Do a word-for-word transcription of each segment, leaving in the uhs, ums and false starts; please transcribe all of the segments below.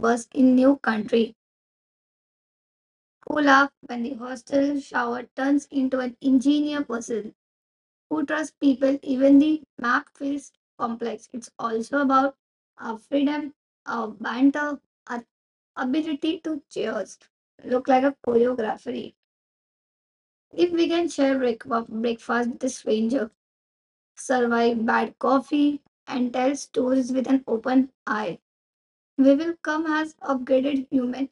Neighbors in new country who laugh when the hostel shower turns into an engineer person who trusts people even the map feels complex. It's also about our freedom, our banter, our ability to cheers, look like a choreography. If we can share break- breakfast with a stranger, survive bad coffee, and tell stories with an open eye, we will come as upgraded human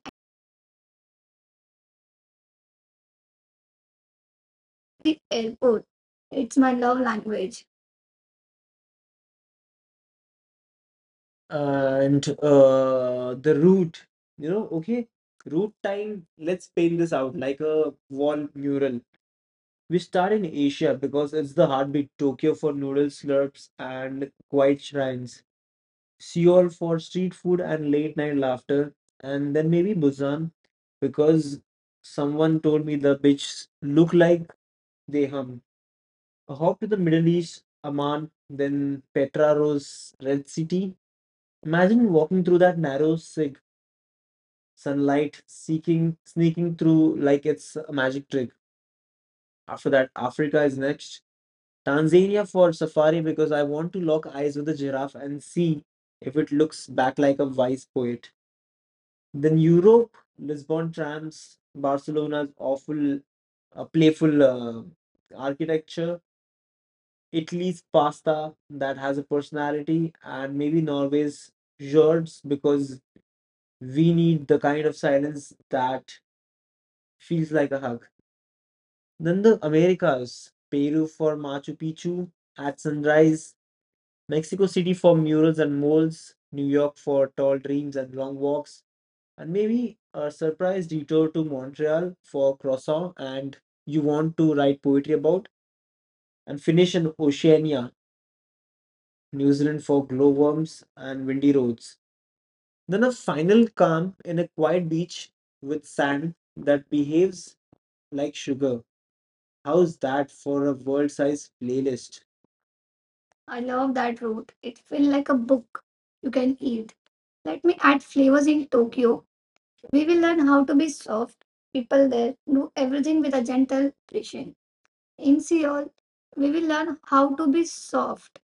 The airport. It's my love language. and uh, the route, you know okay, route time, let's paint this out like a wall mural. We start in Asia because it's the heartbeat. Tokyo for noodle slurps and quiet shrines, Seoul for street food and late night laughter, and then maybe Busan because someone told me the beaches look like they hum. Hop to the Middle East, Amman, then Petra Rose, Red City. Imagine walking through that narrow sig, sunlight, seeking, sneaking through like it's a magic trick. After that, Africa is next. Tanzania for safari because I want to lock eyes with a giraffe and see if it looks back like a wise poet. Then Europe, Lisbon trams, Barcelona's awful, uh, playful uh, architecture, Italy's pasta that has a personality, and maybe Norway's fjords because we need the kind of silence that feels like a hug. Then the Americas, Peru for Machu Picchu at sunrise, Mexico City for murals and moles, New York for tall dreams and long walks, and maybe a surprise detour to Montreal for croissant and you want to write poetry about, and finish in Oceania, New Zealand for glowworms and windy roads. Then a final calm in a quiet beach with sand that behaves like sugar. How's that for a world size playlist? I love that route. It feels like a book you can eat. Let me add flavors. In Tokyo, we will learn how to be soft. People there do everything with a gentle precision. In Seoul, we will learn how to be soft.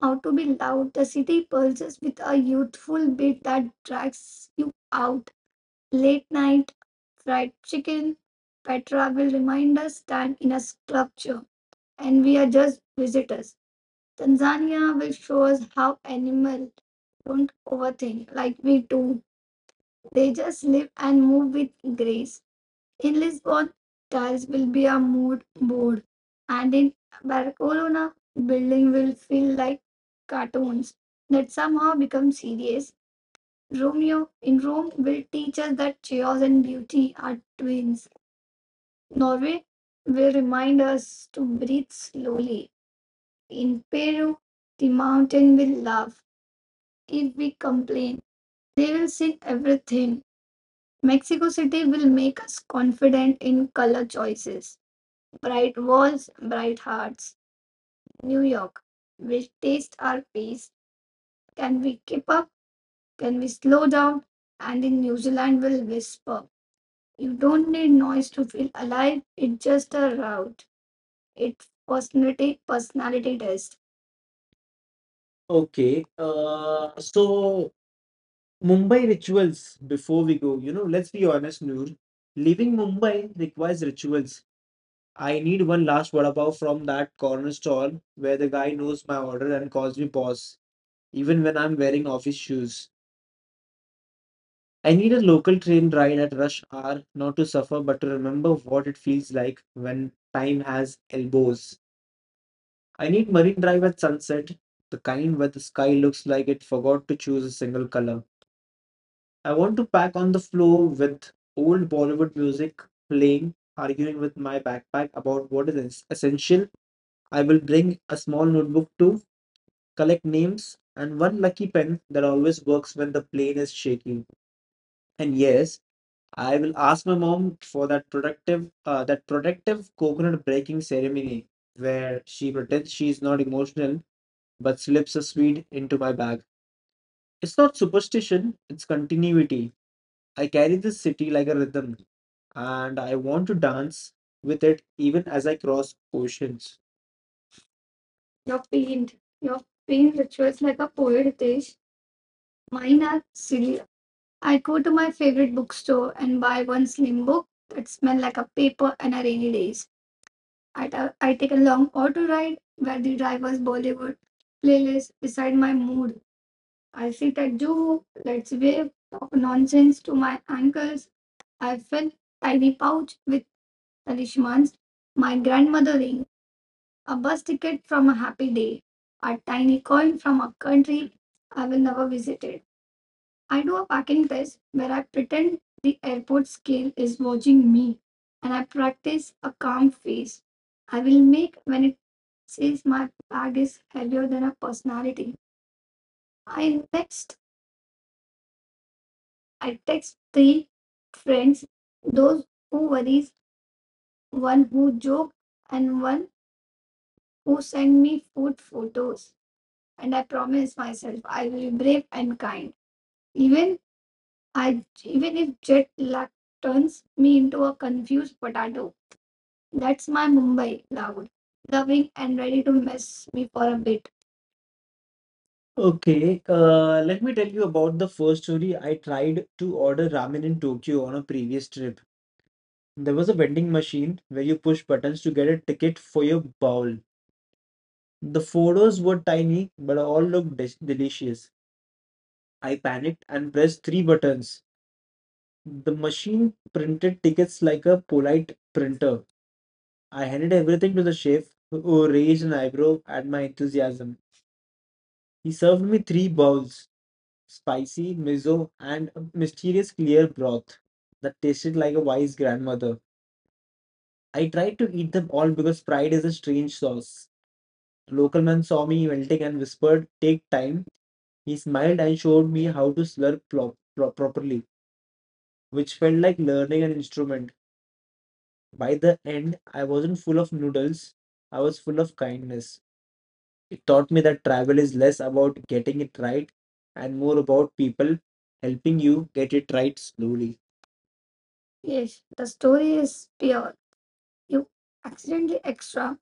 How to be loud. The city pulses with a youthful beat that drags you out. Late night fried chicken. Petra will remind us that in a sculpture and we are just visitors. Tanzania will show us how animals don't overthink like we do. They just live and move with grace. In Lisbon, tiles will be a mood board, and in Barcelona, building will feel like cartoons that somehow become serious. Romeo in Rome will teach us that chaos and beauty are twins. Norway will remind us to breathe slowly. In Peru, the mountain will laugh if we complain. They will sing everything. Mexico City will make us confident in color choices. Bright walls, bright hearts. New York, we'll taste our pace. Can we keep up? Can we slow down? And in New Zealand, we'll whisper. You don't need noise to feel alive. It's just a route. It's personality personality test. Okay. Uh, so Mumbai rituals. Before we go, you know, let's be honest, Noor. Leaving Mumbai requires rituals. I need one last vada pav from that corner stall where the guy knows my order and calls me boss, even when I'm wearing office shoes. I need a local train ride at rush hour, not to suffer, but to remember what it feels like when time has elbows. I need Marine Drive at sunset, the kind where the sky looks like it forgot to choose a single color. I want to pack on the floor with old Bollywood music playing, arguing with my backpack about what is es- essential. I will bring a small notebook too, collect names, and one lucky pen that always works when the plane is shaking. And yes, I will ask my mom for that productive, uh, that protective coconut breaking ceremony where she pretends she is not emotional but slips a sweet into my bag. It's not superstition, it's continuity. I carry this city like a rhythm, and I want to dance with it even as I cross oceans. Your paint, your paint rituals like a poet, Hitesh. Mine are silly. I go to my favorite bookstore and buy one slim book that smells like a paper and a rainy days. I ta- I take a long auto ride where the driver's Bollywood playlist decide my mood. I sit at Juhu, let's wave, talk nonsense to my uncles. I fill tiny pouch with talismans, my grandmother ring, a bus ticket from a happy day, a tiny coin from a country I will never visit. I do a parking test where I pretend the airport scale is watching me and I practice a calm face I will make when it says my bag is heavier than a personality. I, next I text three friends, those who worries, one who joke, and one who send me food photos. And I promise myself I will be brave and kind. Even I even if jet lag turns me into a confused potato. That's my Mumbai, loud, loving, and ready to mess me for a bit. Okay, uh, let me tell you about the first story. I tried to order ramen in Tokyo on a previous trip. There was a vending machine where you push buttons to get a ticket for your bowl. The photos were tiny, but all looked de- delicious. I panicked and pressed three buttons. The machine printed tickets like a polite printer. I handed everything to the chef, who raised an eyebrow at my enthusiasm. He served me three bowls, spicy, miso, and a mysterious clear broth that tasted like a wise grandmother. I tried to eat them all because pride is a strange sauce. A local man saw me melting and whispered, "Take time." He smiled and showed me how to slurp plop, pro- properly, which felt like learning an instrument. By the end, I wasn't full of noodles, I was full of kindness. It taught me that travel is less about getting it right and more about people helping you get it right slowly. Yes, the story is pure. You accidentally extra,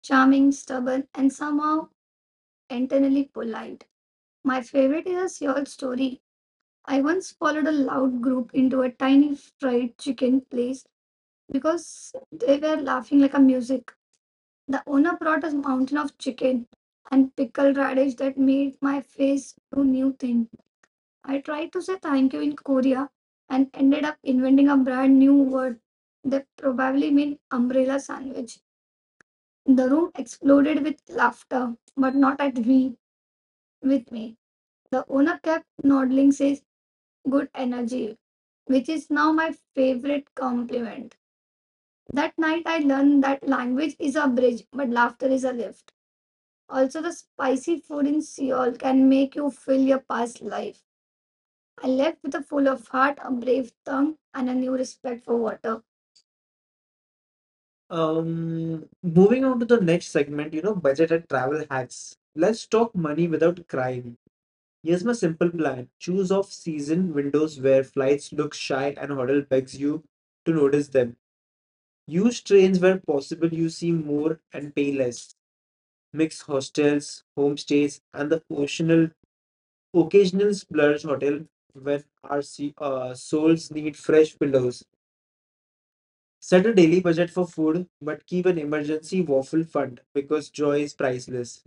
charming, stubborn, and somehow internally polite. My favorite is a Seoul story. I once followed a loud group into a tiny fried chicken place because they were laughing like a music. The owner brought a mountain of chicken and pickled radish that made my face do new things. I tried to say thank you in Korea and ended up inventing a brand new word that probably meant umbrella sandwich. The room exploded with laughter, but not at me, with me. The owner kept nodding, says, "Good energy," which is now my favorite compliment. That night I learned that language is a bridge, but laughter is a lift. Also, the spicy food in Seoul can make you feel your past life. I left with a full of heart, a brave tongue, and a new respect for water. Um, moving on to the next segment, you know, budgeted travel hacks. Let's talk money without crying. Here's my simple plan. Choose off-season windows where flights look shy and hotel begs you to notice them. Use trains where possible, you see more and pay less. Mix hostels, homestays, and the occasional occasional splurge hotel when our se- uh, souls need fresh pillows. Set a daily budget for food, but keep an emergency waffle fund because joy is priceless.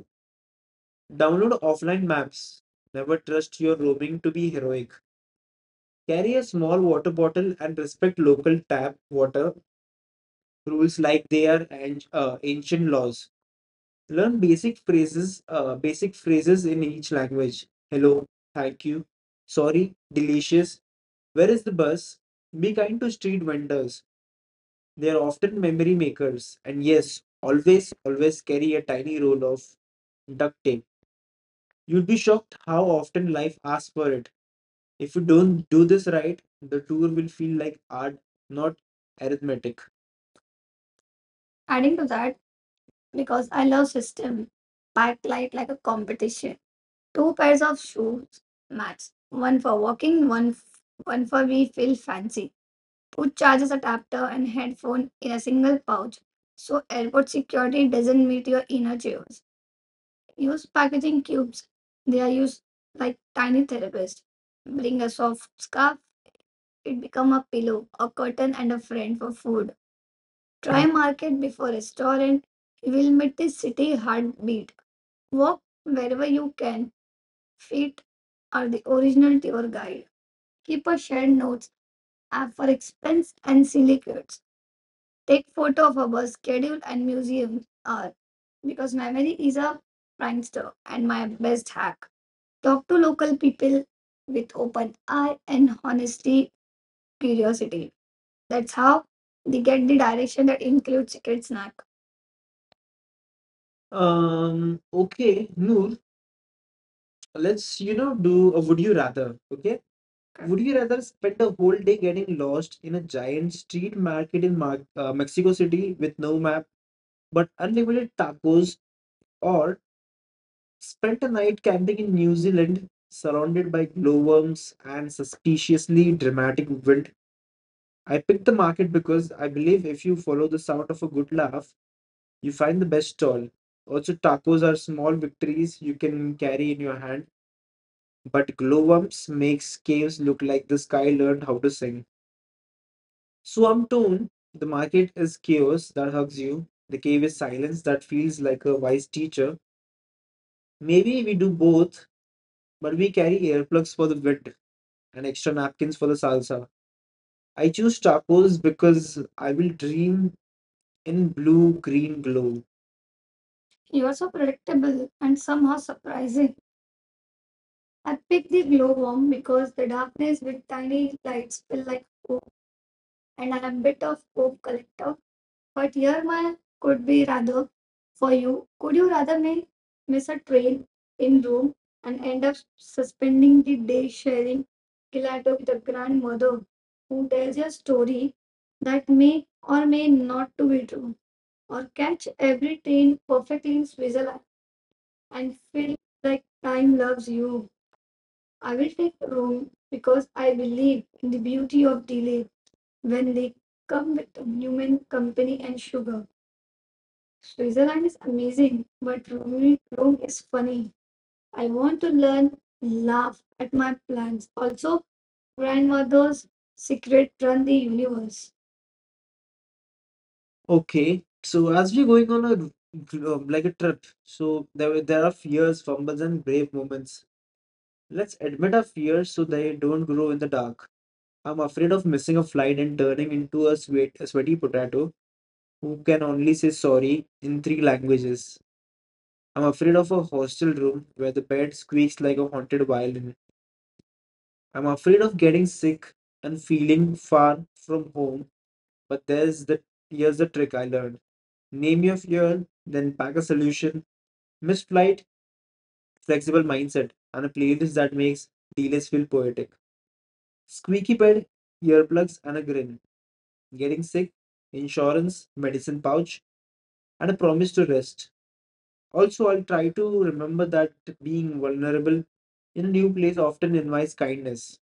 Download offline maps. Never trust your roaming to be heroic. Carry a small water bottle and respect local tap water rules like they are an- uh, ancient laws. Learn basic phrases, uh, basic phrases in each language. Hello, thank you, sorry, delicious. Where is the bus? Be kind to street vendors. They are often memory makers, and yes, always, always carry a tiny roll of duct tape. You'd be shocked how often life asks for it. If you don't do this right, the tour will feel like art, not arithmetic. Adding to that, because I love system, backlight like a competition. Two pairs of shoes match. One for walking, one f- one for we feel fancy. Put chargers, adapter and headphone in a single pouch so airport security doesn't meet your inner chaos. Use packaging cubes. They are used like tiny therapists. Bring a soft scarf, it become a pillow, a curtain and a friend for food. Try market before restaurant. You will meet the city heartbeat. Walk wherever you can. Feet are the original tour guide. Keep a shared notes app for expense and silly goods. Take photo of a bus schedule and museum hour because memory is a prankster. And my best hack, talk to local people with open eye and honesty, curiosity. That's how they get the direction that includes secret snack. Um, okay, Noor, let's, you know, do a would you rather, okay? Would you rather spend a whole day getting lost in a giant street market in Mar uh, Mexico City with no map, but unlimited tacos, or spent a night camping in New Zealand, surrounded by glowworms and suspiciously dramatic wind? I picked the market because I believe if you follow the sound of a good laugh, you find the best stall. Also, tacos are small victories you can carry in your hand, but glowworms makes caves look like the sky learned how to sing. Swamtoon, the market is chaos that hugs you. The cave is silence that feels like a wise teacher. Maybe we do both, but we carry earplugs for the wind. And extra napkins for the salsa. I choose tacos because I will dream in blue green glow. You are so predictable and somehow surprising. I picked the glowworm because the darkness with tiny lights feel like home. And I'm a bit of Coke collector. But here my could be rather for you. Could you rather may miss a train in Rome and end up suspending the day sharing gelato with a grandmother who tells you a story that may or may not to be true? Or catch every train perfectly in Switzerland and feel like time loves you? I will take Rome because I believe in the beauty of delay when they come with human company and sugar. Switzerland is amazing, but Rome Rome is funny. I want to learn, laugh at my plans. Also, grandmother's secret run the universe. Okay, so as we're going on a um, like a trip, so there were- there are fears, fumbles, and brave moments. Let's admit our fears so they don't grow in the dark. I'm afraid of missing a flight and turning into a sweat a sweaty potato, who can only say sorry in three languages. I'm afraid of a hostel room where the bed squeaks like a haunted violin. I'm afraid of getting sick and feeling far from home. But there's the here's the trick I learned. Name your fear, then pack a solution. Missed flight, flexible mindset, and a playlist that makes delays feel poetic. Squeaky bed, earplugs, and a grin. Getting sick, insurance, medicine pouch, and a promise to rest. Also, I'll try to remember that being vulnerable in a new place often invites kindness.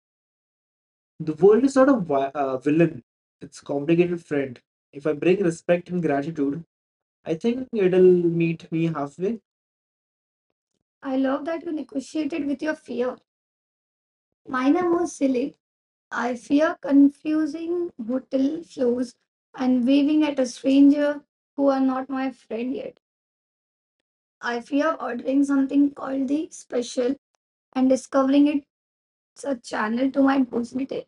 The world is not a vi- uh, villain, it's a complicated friend. If I bring respect and gratitude, I think it'll meet me halfway. I love that you negotiated with your fear. Mine are more silly. I fear confusing hotel floors and waving at a stranger who are not my friend yet. I fear ordering something called the special and discovering it It's a channel to my positive.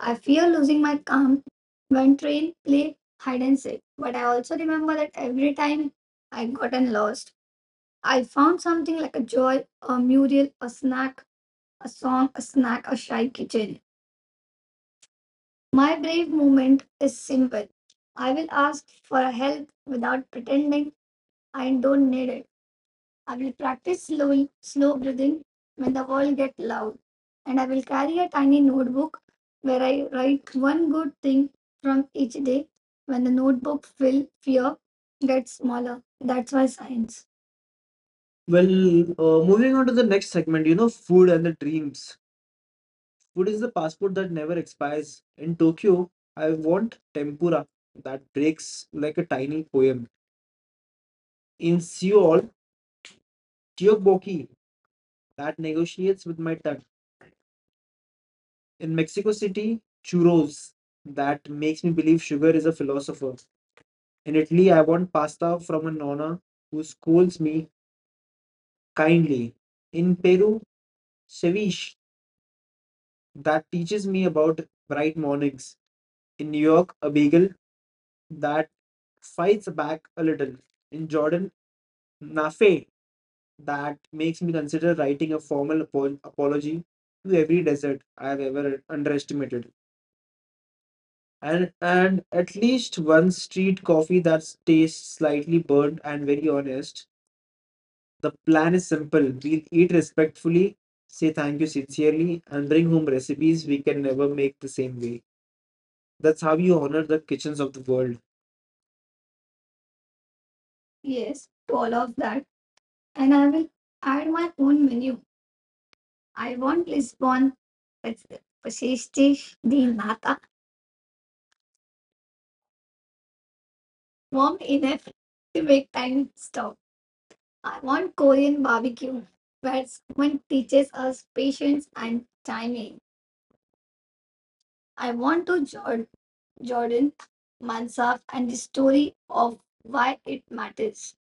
I fear losing my calm when train play hide and seek. But I also remember that every time I gotten lost, I found something like a joy, a mural, a snack, a song, a snack, a shy kitchen. My brave moment is simple. I will ask for help without pretending I don't need it. I will practice slow, slow breathing when the world gets loud. And I will carry a tiny notebook where I write one good thing from each day. When the notebook fill, fear gets smaller. That's why science. Well, uh, moving on to the next segment, you know, food and the dreams. Food is the passport that never expires. In Tokyo, I want tempura that breaks like a tiny poem. In Seoul, tteokbokki that negotiates with my tongue. In Mexico City, churros that makes me believe sugar is a philosopher. In Italy, I want pasta from a nonna who scolds me kindly. In Peru, ceviche that teaches me about bright mornings. In New York, a bagel that fights back a little. In Jordan, nafe that makes me consider writing a formal apo- apology to every desert I have ever underestimated. and and at least one street coffee that tastes slightly burnt and very honest. The plan is simple. We'll eat respectfully, say thank you sincerely, and bring home recipes we can never make the same way. That's how you honor the kitchens of the world. Yes, to all of that. And I will add my own menu. I want Lisbon with the Pashishti, the nata warm enough to make time stop. I want Korean barbecue where someone teaches us patience and timing. I want to Jor- Jordan Mansaf and the story of why it matters.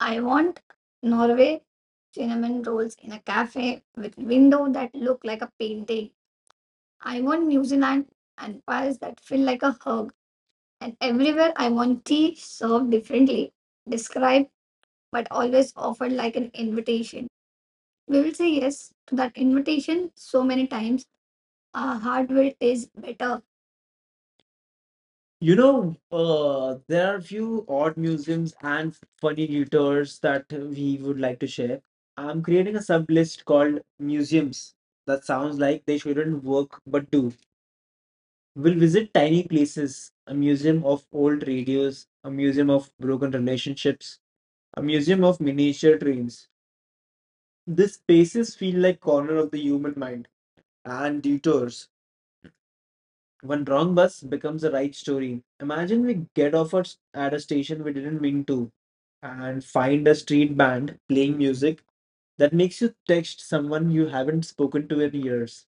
I want Norway cinnamon rolls in a cafe with window that look like a painting. I want New Zealand and Paris that feel like a hug. And everywhere I want tea served differently, described but always offered like an invitation. We will say yes to that invitation so many times. Our heart will taste better. You know, uh, there are few odd museums and funny detours that we would like to share. I'm creating a sub list called museums. That sounds like they shouldn't work, but do. We'll visit tiny places, a museum of old radios, a museum of broken relationships, a museum of miniature trains. These spaces feel like corner of the human mind and detours. One wrong bus becomes a right story. Imagine we get off at at a station we didn't mean to and find a street band playing music that makes you text someone you haven't spoken to in years.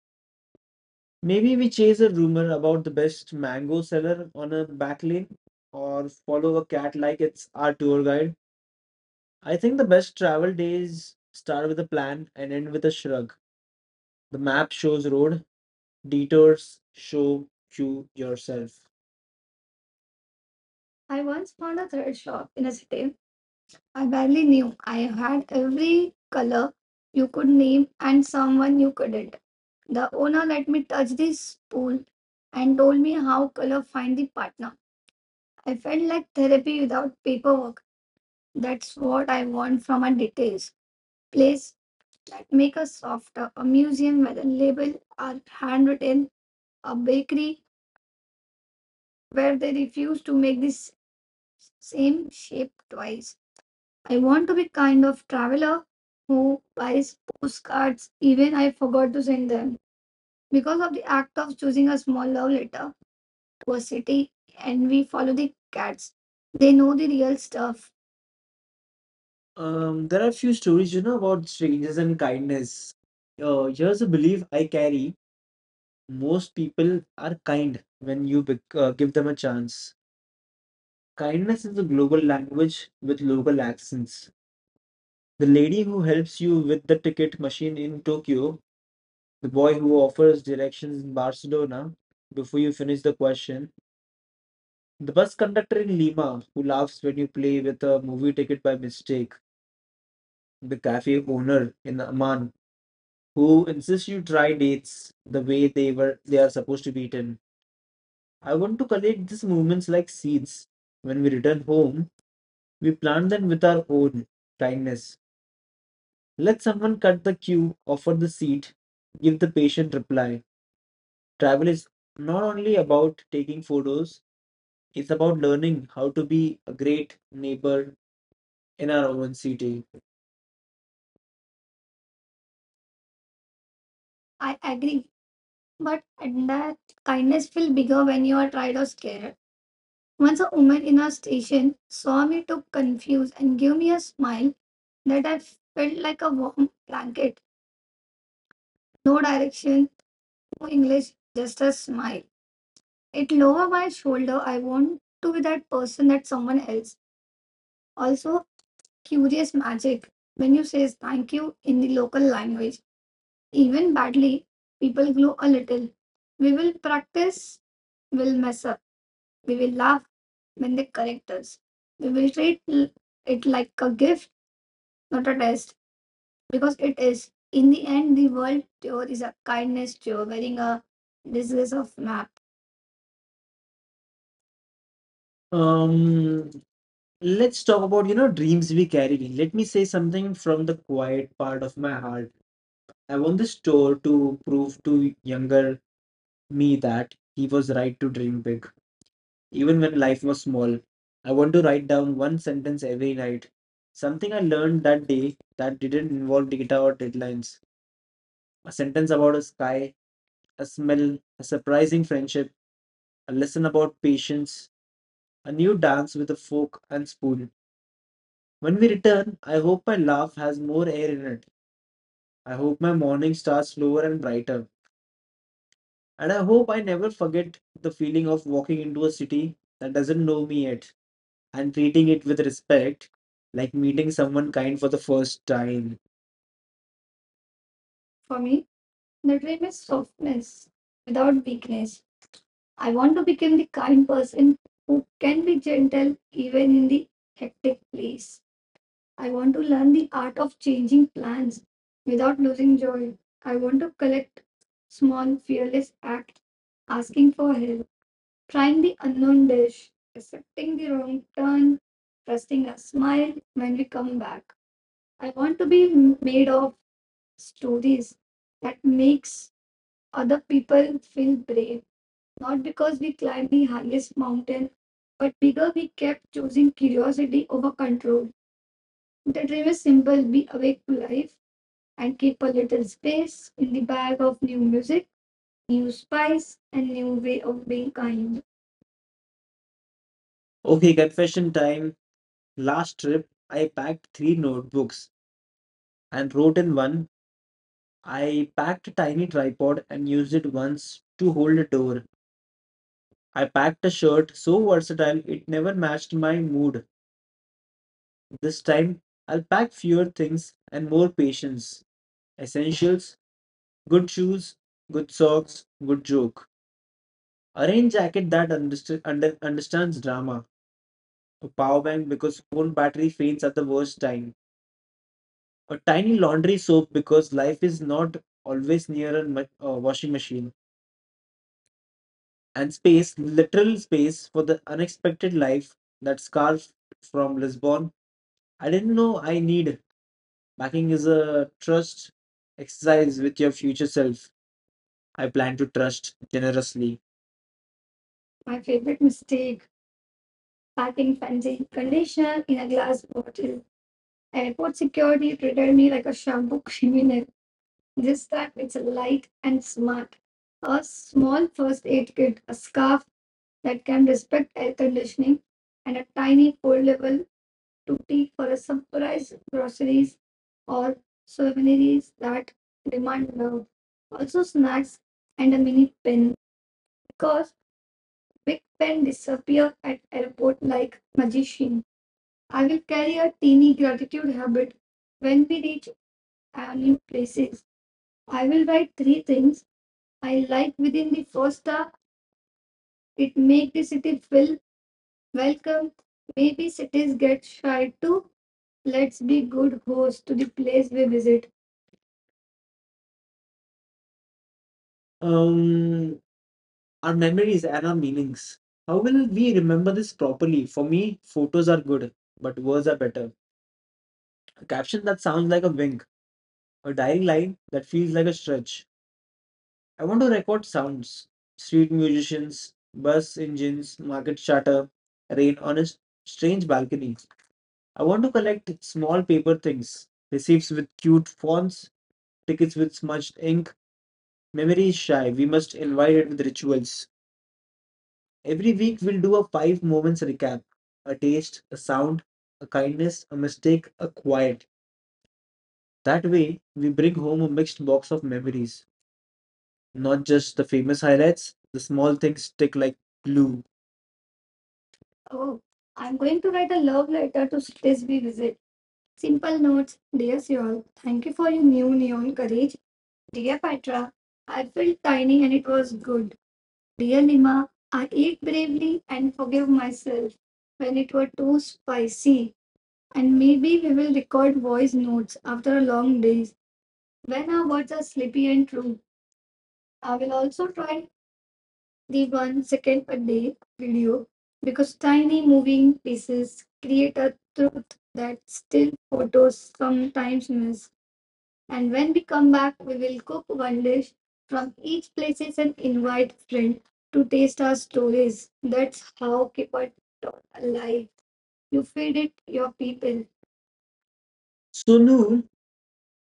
Maybe we chase a rumor about the best mango seller on a back lane or follow a cat like it's our tour guide. I think the best travel days start with a plan and end with a shrug. The map shows road, detours show you yourself. I once found a thread shop in a city I barely knew. I had every color you could name and someone you couldn't. The owner let me touch this spool and told me how color find the partner. I felt like therapy without paperwork. That's what I want from a details place that make us softer, a museum where the label are handwritten, a bakery where they refuse to make this same shape twice. I want to be kind of traveler who buys postcards even I forgot to send them. Because of the act of choosing a small love letter to a city and we follow the cats. They know the real stuff. Um, there are a few stories, you know, about strangers and kindness. Uh, here's a belief I carry. Most people are kind when you bec- uh, give them a chance. Kindness is a global language with local accents. The lady who helps you with the ticket machine in Tokyo, the boy who offers directions in Barcelona before you finish the question, the bus conductor in Lima who laughs when you play with a movie ticket by mistake, the cafe owner in Amman who insists you try dates the way they were they are supposed to be eaten. I want to collect these moments like seeds. When we return home, we plant them with our own kindness. Let someone cut the queue, offer the seat, give the patient reply. Travel is not only about taking photos, it's about learning how to be a great neighbor in our own city. I agree, but that kindness feel bigger when you are tired or scared. Once a woman in a station saw me took confused and gave me a smile that I felt like a warm blanket. No direction, no English, just a smile. It lower my shoulder. I want to be that person that someone else. Also, curious magic. When you say thank you in the local language, even badly, people glow a little. We will practice, we'll mess up. We will laugh when they correct us. We will treat l- it like a gift, not a test, because it is. In the end, the world tour is a kindness tour, wearing a disguise of map. Um, let's talk about, you know, dreams we carried in. Let me say something from the quiet part of my heart. I want this tour to prove to younger me that he was right to dream big, even when life was small. I want to write down one sentence every night. Something I learned that day that didn't involve data or deadlines. A sentence about a sky, a smell, a surprising friendship, a lesson about patience, a new dance with a fork and spoon. When we return, I hope my laugh has more air in it. I hope my morning starts slower and brighter. And I hope I never forget the feeling of walking into a city that doesn't know me yet and treating it with respect, like meeting someone kind for the first time. For me, the dream is softness without weakness. I want to become the kind person who can be gentle even in the hectic place. I want to learn the art of changing plans without losing joy. I want to collect small, fearless acts, asking for help, trying the unknown dish, accepting the wrong turn, trusting a smile when we come back. I want to be made of stories that makes other people feel brave, not because we climbed the highest mountain, but bigger we kept choosing curiosity over control. The dream is simple. Be awake to life, and keep a little space in the bag of new music, new spice, and new way of being kind. Okay, confession time. Last trip, I packed three notebooks and wrote in one. I packed a tiny tripod and used it once to hold a door. I packed a shirt so versatile it never matched my mood. This time, I'll pack fewer things and more patience. Essentials, good shoes, good socks, good joke. A rain jacket that underst- under- understands drama. A power bank because phone battery fades at the worst time. A tiny laundry soap because life is not always near a ma- uh, washing machine. And space, literal space for the unexpected life. That scarf from Lisbon. I didn't know I need. Backing is a trust exercise with your future self. I plan to trust generously. My favorite mistake packing fancy conditioner in a glass bottle. Airport security treated me like a shampoo criminal. This time it's light and smart. A small first aid kit, a scarf that can respect air conditioning, and a tiny foldable tootie for a surprise groceries or souvenirs that demand love. Also snacks and a mini pen because big pen disappear at airport like magician. I will carry a teeny gratitude habit when we reach have new places. I will write three things I like within the first hour. It make the city feel welcome. Maybe cities get shy too. Let's be good hosts to the place we visit. um our memories and our meanings, how will we remember this properly? For me, photos are good, but words are better. A caption that sounds like a wink, a dying line that feels like a stretch. I want to record sounds, street musicians, bus engines, market chatter, rain on a s- strange balcony. I want to collect small paper things, receipts with cute fonts, tickets with smudged ink. Memory is shy. We must invite it with rituals. Every week we'll do a five moments recap, a taste, a sound, a kindness, a mistake, a quiet. That way, we bring home a mixed box of memories, not just the famous highlights. The small things stick like glue. Oh, I'm going to write a love letter to cities we visit. Simple notes, dear Seoul, thank you for your new neon courage. Dear Patra, I felt tiny and it was good. Dear Lima, I ate bravely and forgive myself when it were too spicy. And maybe we will record voice notes after a long day when our words are slippy and true. I will also try the one second a day video because tiny moving pieces create a truth that still photos sometimes miss. And when we come back, we will cook one dish from each places and invite friends to taste our stories. That's how keep it alive. You feed it your people. So, Noor,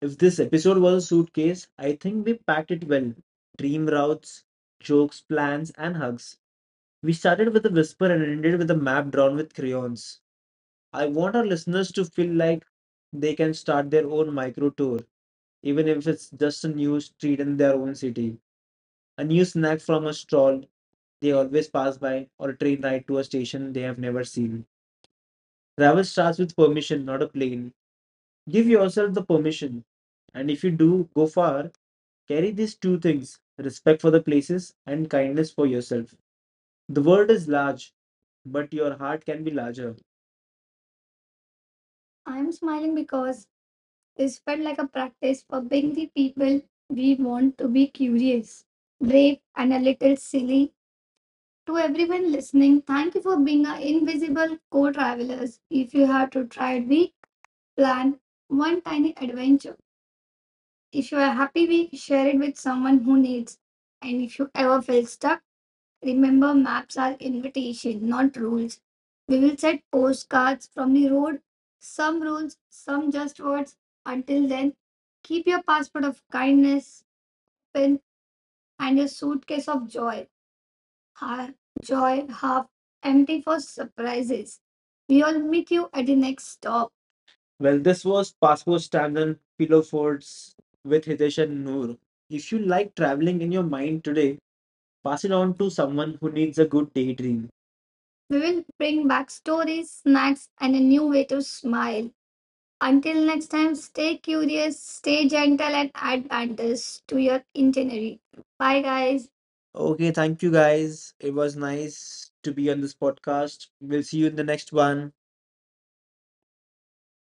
if this episode was a suitcase, I think we packed it well. Dream routes, jokes, plans, and hugs. We started with a whisper and ended with a map drawn with crayons. I want our listeners to feel like they can start their own micro tour, even if it's just a new street in their own city, a new snack from a stall they always pass by, or a train ride to a station they have never seen. Travel starts with permission, not a plane. Give yourself the permission, and if you do go far, carry these two things, respect for the places and kindness for yourself. The world is large, but your heart can be larger. I'm smiling because this felt like a practice for being the people we want to be, curious, brave, and a little silly. To everyone listening, thank you for being our invisible co travelers. If you have to try it, we plan one tiny adventure. If you are happy, we share it with someone who needs. And if you ever feel stuck, remember, maps are invitation, not rules. We will set postcards from the road, some rules, some just words. Until then, keep your passport of kindness, pen, and your suitcase of joy. Half joy, half empty for surprises. We all meet you at the next stop. Well, this was Passport Stamps and Pillow Forts with Hitesh and Noor. If you like traveling in your mind today, pass it on to someone who needs a good daydream. We will bring back stories, snacks, and a new way to smile. Until next time, stay curious, stay gentle, and add wonders to your itinerary. Bye, guys. Okay, thank you guys. It was nice to be on this podcast. We'll see you in the next one.